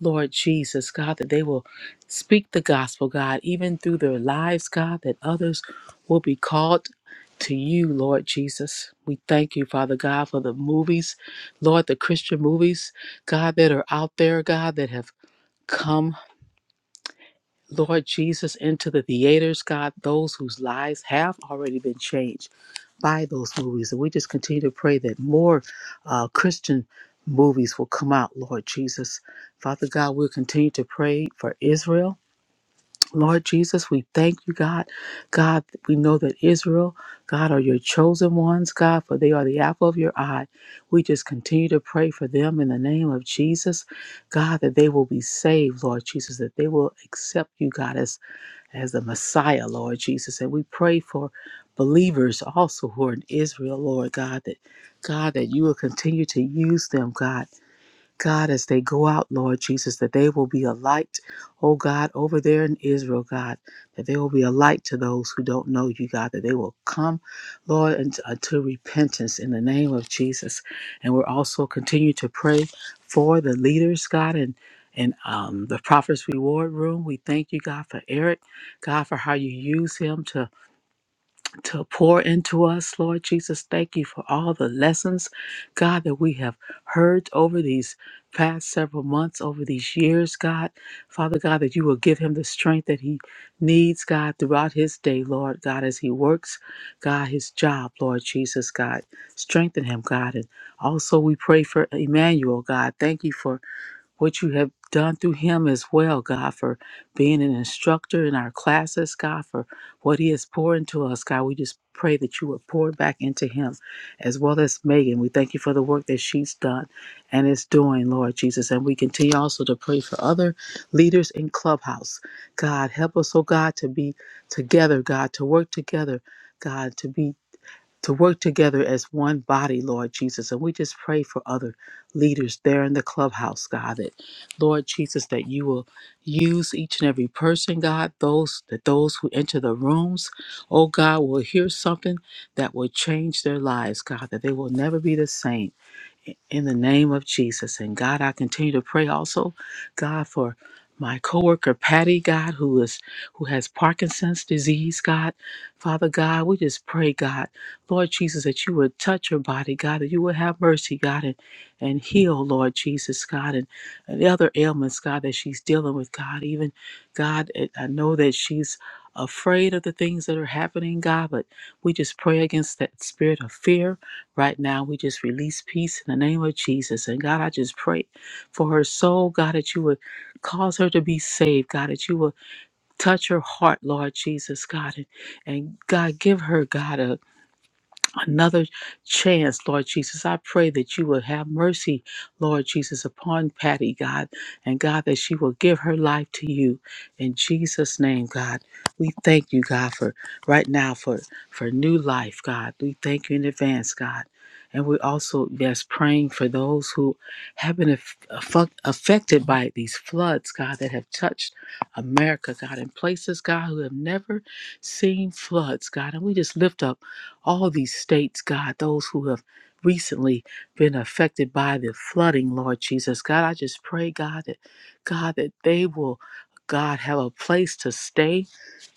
[SPEAKER 4] Lord Jesus, God, that they will speak the gospel, God, even through their lives, God, that others will be called to you, Lord Jesus. We thank you, Father God, for the movies, Lord, the Christian movies, God, that are out there, God, that have come. Lord Jesus, into the theaters, God, those whose lives have already been changed by those movies. And we just continue to pray that more uh, Christian movies will come out, Lord Jesus. Father God, we'll continue to pray for Israel. Lord Jesus, we thank you, God. God, we know that Israel, God, are your chosen ones, God, for they are the apple of your eye. We just continue to pray for them in the name of Jesus, God, that they will be saved, Lord Jesus, that they will accept you, God, as as the Messiah, Lord Jesus. And we pray for believers also who are in Israel, Lord God, that God, that you will continue to use them, God, God, as they go out, Lord Jesus, that they will be a light, oh God, over there in Israel, God, that they will be a light to those who don't know you, God, that they will come, Lord, unto, unto repentance in the name of Jesus. And we're also continue to pray for the leaders, God, and and um, the prophet's reward room. We thank you, God, for Eric, God, for how you use him to to pour into us, Lord Jesus. Thank you for all the lessons, God, that we have heard over these past several months, over these years, God. Father God, that you will give him the strength that he needs, God, throughout his day, Lord, God, as he works, God, his job, Lord Jesus, God. Strengthen him, God. And also we pray for Emmanuel, God. Thank you for what you have done through him as well, God, for being an instructor in our classes, God, for what he has poured into us, God. We just pray that you would pour it back into him as well as Megan. We thank you for the work that she's done and is doing, Lord Jesus. And we continue also to pray for other leaders in Clubhouse. God, help us, oh God, to be together, God, to work together, God, to be to work together as one body, Lord Jesus. And we just pray for other leaders there in the clubhouse, God, that Lord Jesus, that you will use each and every person, God, those that those who enter the rooms, oh God, will hear something that will change their lives, God, that they will never be the same in the name of Jesus. And God, I continue to pray also, God, for my coworker Patty, God, who is who has Parkinson's disease, God. Father God, we just pray, God, Lord Jesus, that you would touch her body, God, that you would have mercy, God, and, and heal, Lord Jesus, God, and, and the other ailments, God, that she's dealing with, God. Even God, I I know that she's afraid of the things that are happening, God, but we just pray against that spirit of fear Right now, we just release peace in the name of Jesus. And God, I just pray for her soul, God, that you would cause her to be saved, God, that you would touch her heart, Lord Jesus, God. And, and God, give her, God, a another chance, Lord Jesus. I pray that you will have mercy, Lord Jesus, upon Patty, God, and God, that she will give her life to you. In Jesus' name, God, we thank you, God, for right now for for new life, God. We thank you in advance, God. And we also, yes, praying for those who have been aff- affu- affected by these floods, God, that have touched America, God, in places, God, who have never seen floods, God. And we just lift up all these states, God, those who have recently been affected by the flooding, Lord Jesus. God, I just pray, God, that God that they will, God, have a place to stay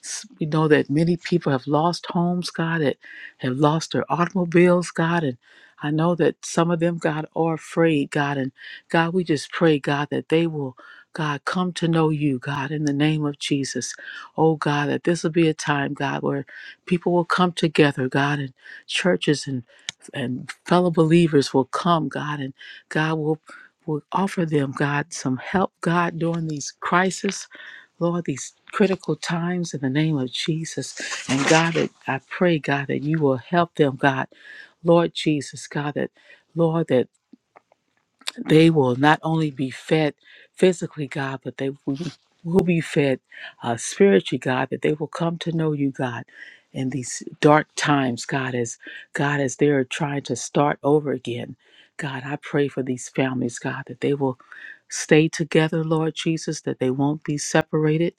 [SPEAKER 4] S- We know that many people have lost homes, God, that have lost their automobiles, God. And I know that some of them, God, are afraid, God. And God, we just pray, God, that they will, God, come to know you, God, in the name of Jesus. Oh, God, that this will be a time, God, where people will come together, God, and churches and and fellow believers will come, God, and God will will offer them, God, some help, God, during these crises Lord, these critical times in the name of Jesus. And God, that I pray, God, that you will help them, God. Lord Jesus, God, that, Lord, that they will not only be fed physically, God, but they will be, will be fed uh, spiritually, God, that they will come to know you, God, in these dark times, God, as God, as they're trying to start over again. God, I pray for these families, God, that they will stay together, Lord Jesus, that they won't be separated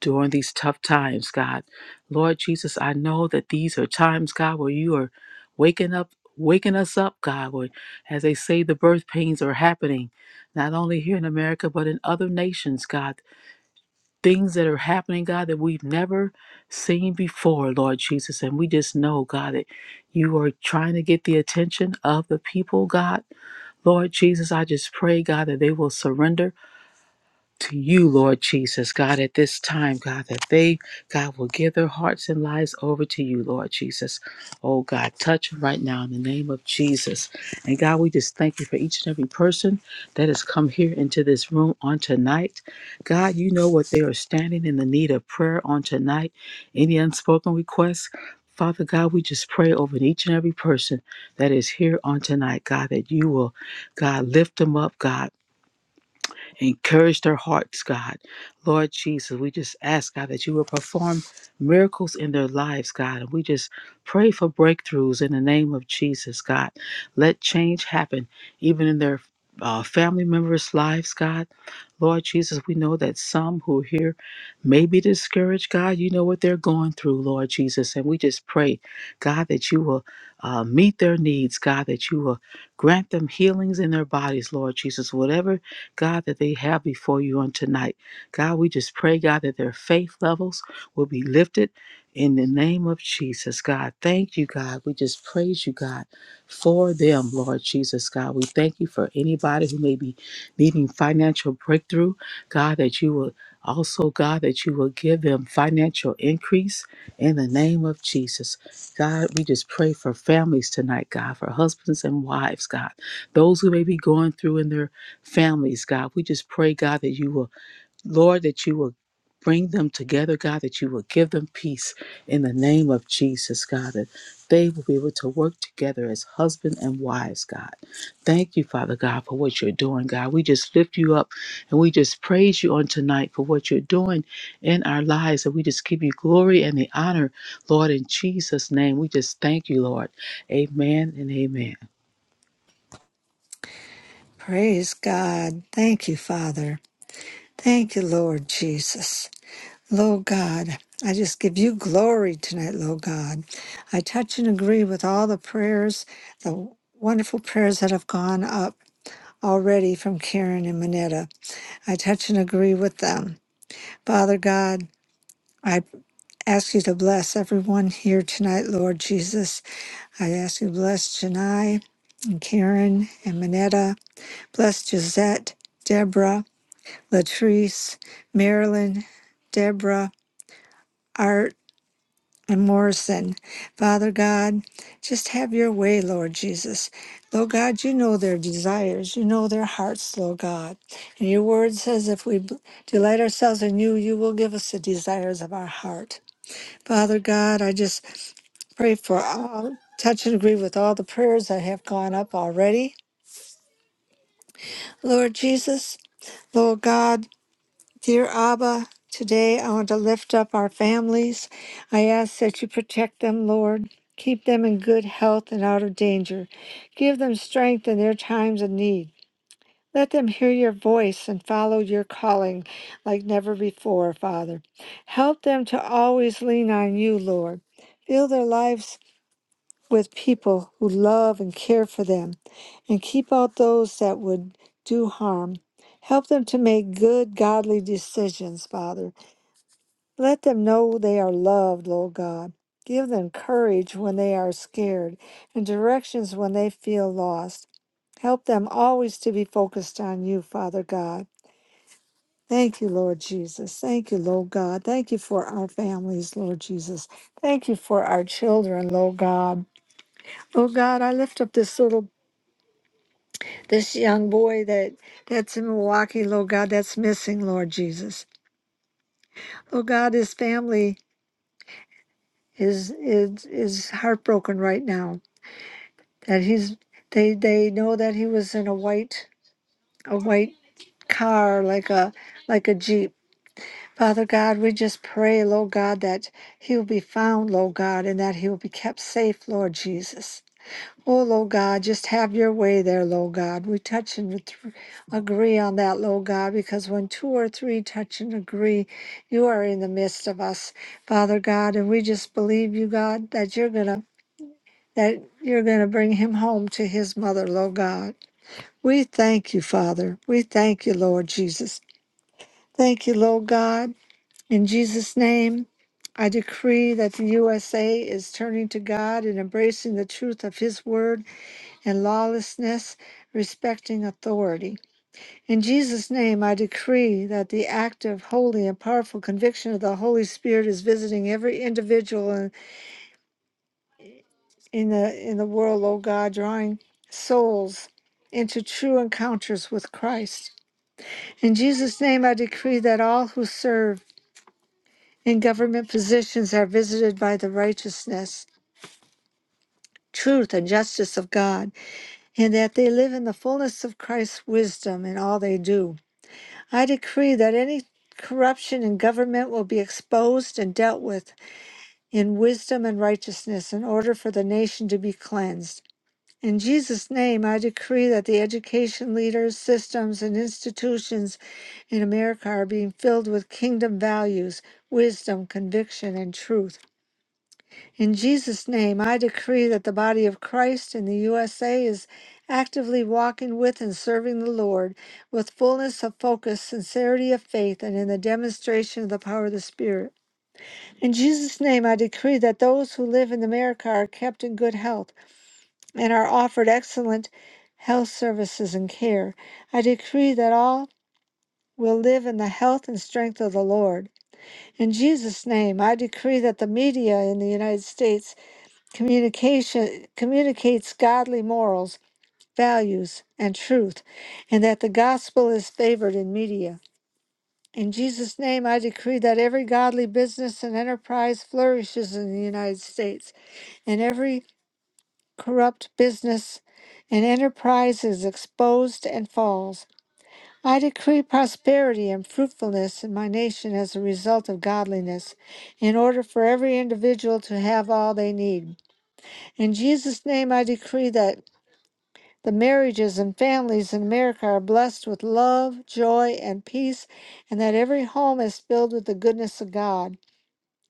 [SPEAKER 4] during these tough times, God. Lord Jesus, I know that these are times, God, where you are waking up, waking us up, God. As they say, the birth pains are happening, not only here in America, but in other nations, God. Things that are happening, God, that we've never seen before, Lord Jesus. And we just know, God, that you are trying to get the attention of the people, God. Lord Jesus, I just pray, God, that they will surrender to you, Lord Jesus, God, at this time, God, that they, God, will give their hearts and lives over to you, Lord Jesus. Oh, God, touch them right now in the name of Jesus. And God, we just thank you for each and every person that has come here into this room on tonight. God, you know what they are standing in the need of prayer on tonight, any unspoken requests. Father God, we just pray over each and every person that is here on tonight, God, that you will, God, lift them up, God. Encourage their hearts, God. Lord Jesus, we just ask, God, that you will perform miracles in their lives, God. And we just pray for breakthroughs in the name of Jesus, God. Let change happen, even in their uh, family members' lives, God. Lord Jesus, we know that some who are here may be discouraged, God. You know what they're going through, Lord Jesus. And we just pray, God, that you will uh, meet their needs, God, that you will grant them healings in their bodies, Lord Jesus. Whatever God, that they have before you on tonight. God, we just pray, God, that their faith levels will be lifted in the name of Jesus, God. Thank you, God. We just praise you, God, for them, Lord Jesus, God. We thank you for anybody who may be needing financial breakthrough, God, that you will also, God, that you will give them financial increase in the name of Jesus. God, we just pray for families tonight, God, for husbands and wives, God, those who may be going through in their families, God. We just pray, God, that you will, Lord, that you will bring them together, God, that you will give them peace in the name of Jesus, God, that they will be able to work together as husband and wives, God. Thank you, Father God, for what you're doing, God. We just lift you up and we just praise you on tonight for what you're doing in our lives. And we just give you glory and the honor, Lord, in Jesus' name. We just thank you, Lord. Amen and amen.
[SPEAKER 2] Praise God. Thank you, Father. Thank you, Lord Jesus. Lord God, I just give you glory tonight, Lord God. I touch and agree with all the prayers, the wonderful prayers that have gone up already from Karen and Manetta. I touch and agree with them. Father God, I ask you to bless everyone here tonight, Lord Jesus. I ask you to bless Janai and Karen and Minetta. Bless Gisette, Deborah, Latrice, Marilyn, Deborah, Art. and Morrison. Father God, just have your way, Lord Jesus. Lord God, you know their desires. You know their hearts, Lord God. And your word says if we b- delight ourselves in you, you will give us the desires of our heart. Father God, I just pray for all, touch and agree with all the prayers that have gone up already. Lord Jesus, Lord God, Dear Abba, today I want to lift up our families. I ask that you protect them, Lord. Keep them in good health and out of danger. Give them strength in their times of need. Let them hear your voice and follow your calling like never before, Father. Help them to always lean on you, Lord. Fill their lives with people who love and care for them, and keep out those that would do harm. Help them to make good, godly decisions, Father. Let them know they are loved, Lord God. Give them courage when they are scared and directions when they feel lost. Help them always to be focused on you, Father God. Thank you, Lord Jesus. Thank you, Lord God. Thank you for our families, Lord Jesus. Thank you for our children, Lord God. Lord God, I lift up this little, this young boy that that's in Milwaukee, Lord God, that's missing, Lord Jesus. Lord God, his family is is is heartbroken right now. that he's they they know that he was in a white a white car like a like a jeep father god we just pray lord god that he will be found lord god and that he will be kept safe lord jesus Oh, Lord God, just have your way there, Lord God. We touch and th- agree on that, Lord God, because when two or three touch and agree, you are in the midst of us, Father God. And we just believe you, God, that you're going to that you're going to bring him home to his mother, Lord God. We thank you, Father. We thank you, Lord Jesus. Thank you, Lord God. In Jesus' name, I decree that the USA is turning to God and embracing the truth of His word and lawlessness, respecting authority. In Jesus' name, I decree that the active, holy, and powerful conviction of the Holy Spirit is visiting every individual in, in the in the world, O God, drawing souls into true encounters with Christ. In Jesus' name, I decree that all who serve in government positions are visited by the righteousness, truth, and justice of God, and that they live in the fullness of Christ's wisdom in all they do. I decree that any corruption in government will be exposed and dealt with in wisdom and righteousness in order for the nation to be cleansed. In Jesus' name, I decree that the education leaders, systems, and institutions in America are being filled with kingdom values, wisdom, conviction, and truth. In Jesus' name, I decree that the body of Christ in the USA is actively walking with and serving the Lord with fullness of focus, sincerity of faith, and in the demonstration of the power of the Spirit. In Jesus' name, I decree that those who live in America are kept in good health and are offered excellent health services and care. I decree that all will live in the health and strength of the Lord. In Jesus' name, I decree that the media in the United States communication communicates godly morals, values, and truth, and that the gospel is favored in media. In Jesus' name, I decree that every godly business and enterprise flourishes in the United States, and every corrupt business and enterprise is exposed and falls. I decree prosperity and fruitfulness in my nation as a result of godliness, in order for every individual to have all they need. In Jesus' name, I decree that the marriages and families in America are blessed with love, joy, and peace, and that every home is filled with the goodness of God.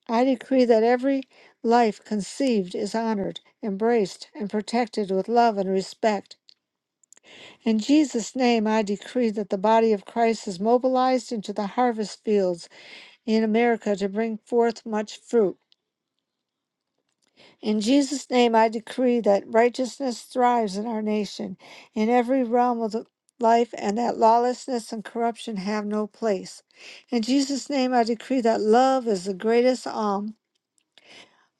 [SPEAKER 2] I decree that every life conceived is honored, embraced, and protected with love and respect. In Jesus' name, I decree that the body of Christ is mobilized into the harvest fields in America to bring forth much fruit. In Jesus' name, I decree that righteousness thrives in our nation, in every realm of the life, and that lawlessness and corruption have no place. In Jesus' name, I decree that love is the greatest alm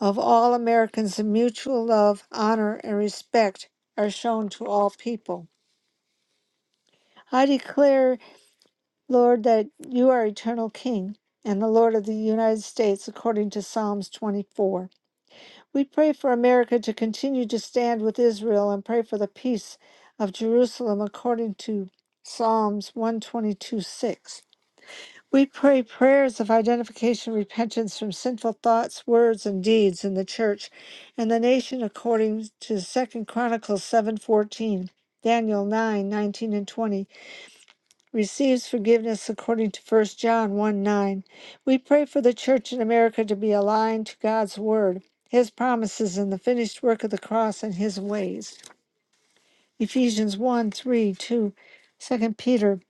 [SPEAKER 2] of all Americans, and mutual love, honor, and respect are shown to all people. I declare Lord, that you are eternal King and the Lord of the United States, according to Psalms 24. We pray for America to continue to stand with Israel and pray for the peace of Jerusalem, according to Psalms 122 6. We pray prayers of identification, repentance from sinful thoughts, words, and deeds in the church and the nation, according to Second Chronicles 7:14, Daniel 9:19 and 20 receives forgiveness according to First John 1 9. We pray for the church in America to be aligned to God's word, his promises, and the finished work of the cross and his ways. Ephesians one 3 2, Second Peter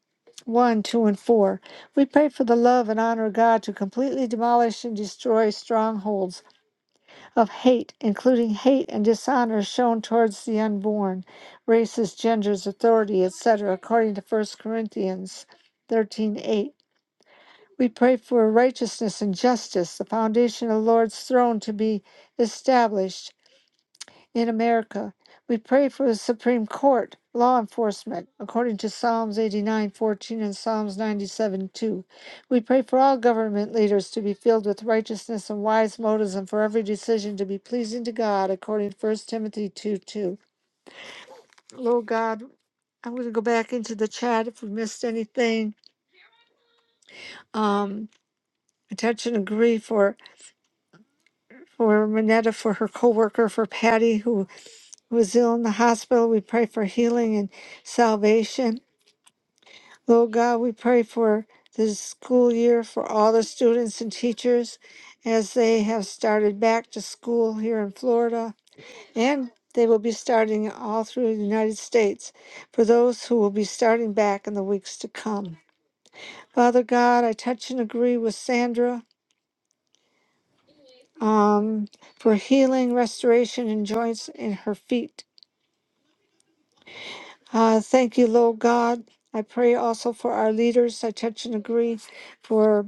[SPEAKER 2] 1 2 and 4. We pray for the love and honor of God to completely demolish and destroy strongholds of hate, including hate and dishonor shown towards the unborn, races, genders, authority, etc., according to First Corinthians thirteen eight. We pray for righteousness and justice, the foundation of the Lord's throne to be established in America. We pray for the Supreme Court, law enforcement, according to Psalms 89:14 and Psalms 97 2. We pray for all government leaders to be filled with righteousness and wise motives, and for every decision to be pleasing to God, according to 1 Timothy 2 2. Lord God, I'm going to go back into the chat if we missed anything. Um, attention and grief, or for Manetta, for her coworker, for Patty, who was ill in the hospital. We pray for healing and salvation. Lord God, we pray for this school year for all the students and teachers as they have started back to school here in Florida and they will be starting all through the United States for those who will be starting back in the weeks to come. Father God, I touch and agree with Sandra um, for healing, restoration, and joints in her feet. Uh, thank you, Lord God. I pray also for our leaders. I touch and agree for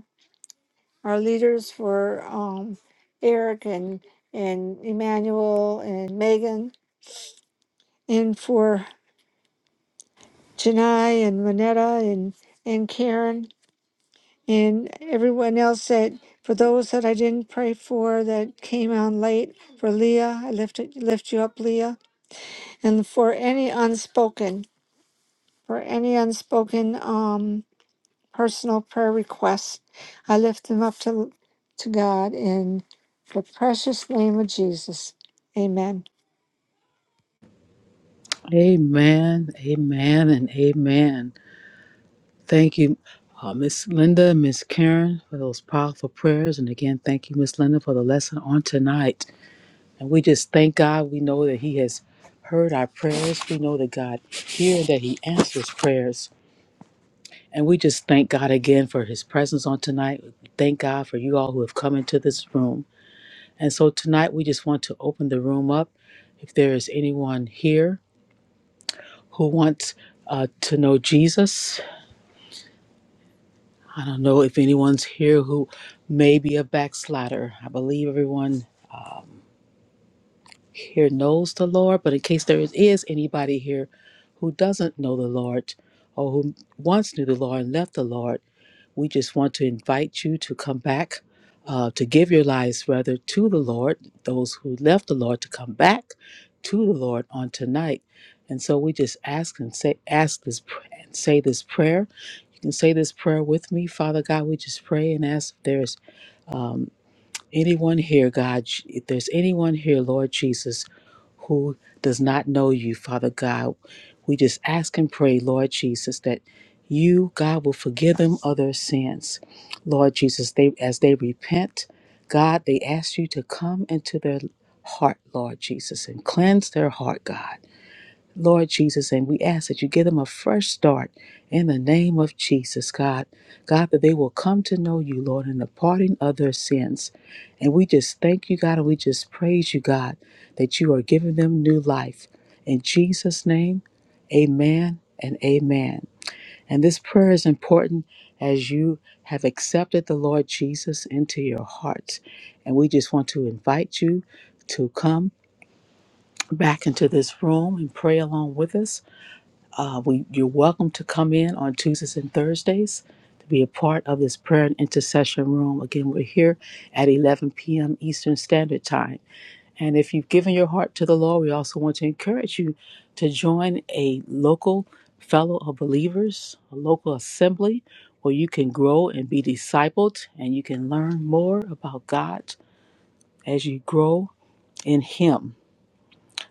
[SPEAKER 2] our leaders, for um, Eric and and Emmanuel and Megan, and for Janai and Manetta and and Karen and everyone else that for those that I didn't pray for that came on late. For Leah, I lift it, lift you up, Leah, and for any unspoken, for any unspoken. Um, personal prayer requests. I lift them up to, to God in the precious name of Jesus. Amen.
[SPEAKER 4] Amen, amen, and amen. Thank you, uh, Miss Linda, Miss Karen, for those powerful prayers. And again, thank you, Miss Linda, for the lesson on tonight. And we just thank God. We know that He has heard our prayers. We know that God hears, that He answers prayers. And we just thank God again for His presence on tonight. We thank God for you all who have come into this room. And so tonight, we just want to open the room up. If there is anyone here who wants uh, to know Jesus, I don't know if anyone's here who may be a backslider. I believe everyone here knows the Lord, but in case there is, is anybody here who doesn't know the Lord or who once knew the Lord and left the Lord, we just want to invite you to come back, uh, to give your lives rather to the Lord, those who left the Lord to come back to the Lord on tonight. And so we just ask and say, ask this, pr- and say this prayer. You can say this prayer with me. Father God, we just pray and ask if there is um, anyone here, God, if there's anyone here, Lord Jesus, who does not know you, Father God, we just ask and pray, Lord Jesus, that you, God, will forgive them of their sins. Lord Jesus, they as they repent, God, they ask you to come into their heart, Lord Jesus, and cleanse their heart, God. Lord Jesus, and we ask that you give them a fresh start in the name of Jesus, God. God, that they will come to know you, Lord, in the parting of their sins. And we just thank you, God, and we just praise you, God, that you are giving them new life. In Jesus' name, amen and amen. And this prayer is important as you have accepted the Lord Jesus into your heart. And we just want to invite you to come back into this room and pray along with us uh, we, you're welcome to come in on Tuesdays and Thursdays to be a part of this prayer and intercession room. Again, we're here at 11 p.m. Eastern Standard Time. And if you've given your heart to the Lord, we also want to encourage you to join a local fellow of believers, a local assembly where you can grow and be discipled and you can learn more about God as you grow in Him.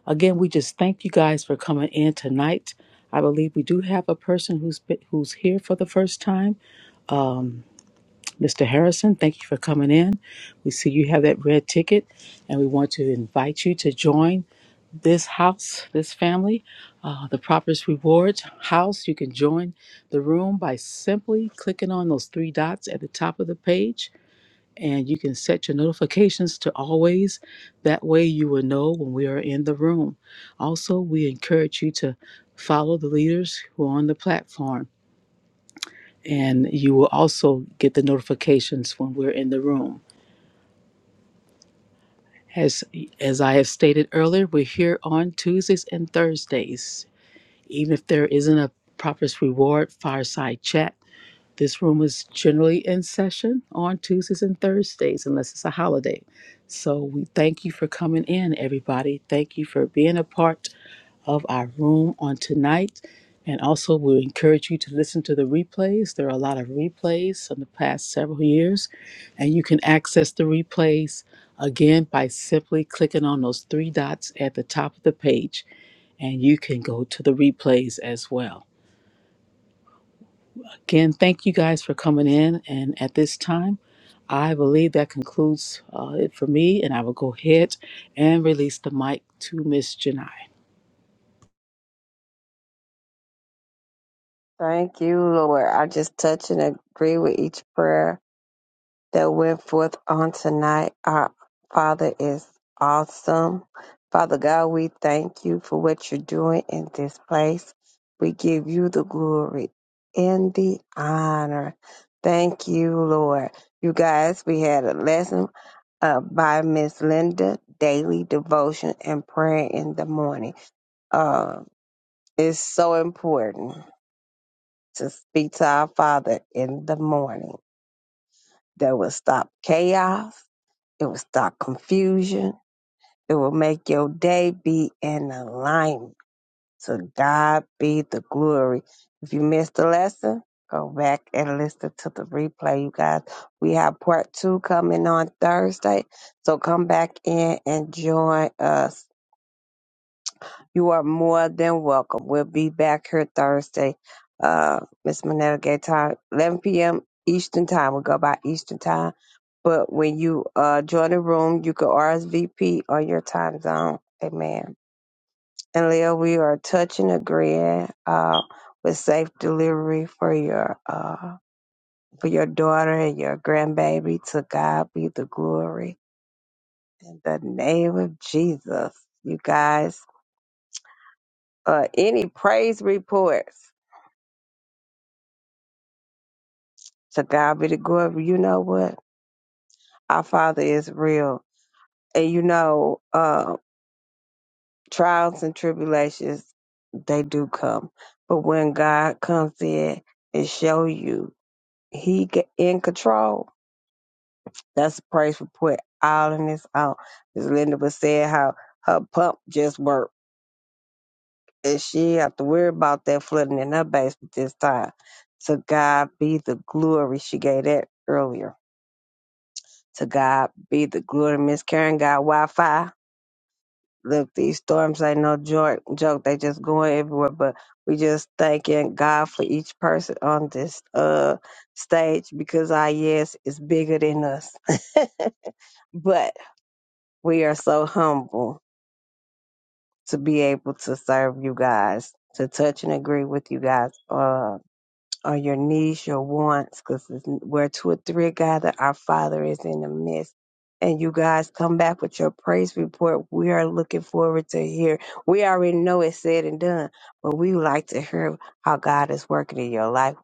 [SPEAKER 4] Again, we just thank you guys for coming in tonight. I believe we do have a person who's been, who's here for the first time, Mr. Harrison. Thank you for coming in. We see you have that red ticket, and we want to invite you to join this house, this family, uh, the Proper's Rewards house. You can join the room by simply clicking on those three dots at the top of the page and you can set your notifications to always. That way, you will know when we are in the room. Also, we encourage you to follow the leaders who are on the platform, and you will also get the notifications when we're in the room. As, as I have stated earlier, we're here on Tuesdays and Thursdays. Even if there isn't a Prophet's Reward fireside chat, This room is generally in session on Tuesdays and Thursdays, unless it's a holiday. So we thank you for coming in, everybody. Thank you for being a part of our room on tonight. And also, we encourage you to listen to the replays. There are a lot of replays from the past several years, and you can access the replays again by simply clicking on those three dots at the top of the page, and you can go to the replays as well. Again, thank you guys for coming in. And at this time, I believe that concludes uh, it for me. And I will go ahead and release the mic to Miss Janai.
[SPEAKER 1] Thank you, Lord. I just touch and agree with each prayer that went forth on tonight. Our Father is awesome. Father God, we thank you for what you're doing in this place. We give you the glory and the honor. Thank you, Lord. You guys, we had a lesson uh, by Miss Linda, Daily Devotion and Prayer in the Morning. Uh, it's so important to speak to our Father in the morning that will stop chaos, it will stop confusion, it will make your day be in alignment. To God be the glory. If you missed the lesson, go back and listen to the replay, you guys. We have part two coming on Thursday, so come back in and join us. You are more than welcome. We'll be back here Thursday. Uh, Miss Minetta gave time 11 p.m. Eastern time. We'll go by Eastern time. But when you uh join the room, you can RSVP on your time zone. Amen. And Leo, we are touching agreeing uh with safe delivery for your uh for your daughter and your grandbaby. To God be the glory. In the name of Jesus, you guys. Uh any praise reports. To God be the glory. You know what? Our Father is real. And you know, uh, trials and tribulations, they do come. But when God comes in and show you he get in control, that's a praise report all in its own. As Linda was saying how her pump just worked and she didn't have to worry about that flooding in her basement this time. To God be the glory. She gave that earlier. To God be the glory. Miss Karen got Wi Fi look, these storms ain't no joke. Joke, they just going everywhere. But we just thanking God for each person on this uh stage because our yes is bigger than us. but we are so humble to be able to serve you guys, to touch and agree with you guys. Um, or your needs, your wants, because where two or three are gathered, our Father is in the midst. And you guys come back with your praise report. We are looking forward to hear. We already know it's said and done, but we like to hear how God is working in your life.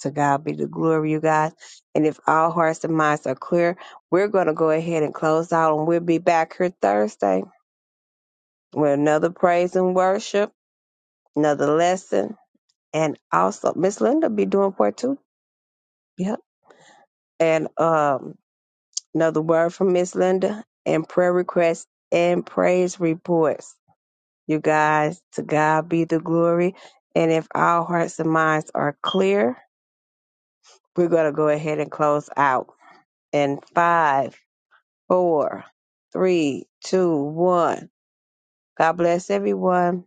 [SPEAKER 1] To God be the glory, you guys. And if all hearts and minds are clear, we're going to go ahead and close out, and we'll be back here Thursday with another praise and worship, another lesson, and also Miss Linda be doing part two. Yeah. and um another word from Miss Linda and prayer requests and praise reports. You guys, to God be the glory. And if our hearts and minds are clear, we're gonna go ahead and close out. And five, four, three, two, one. God bless everyone.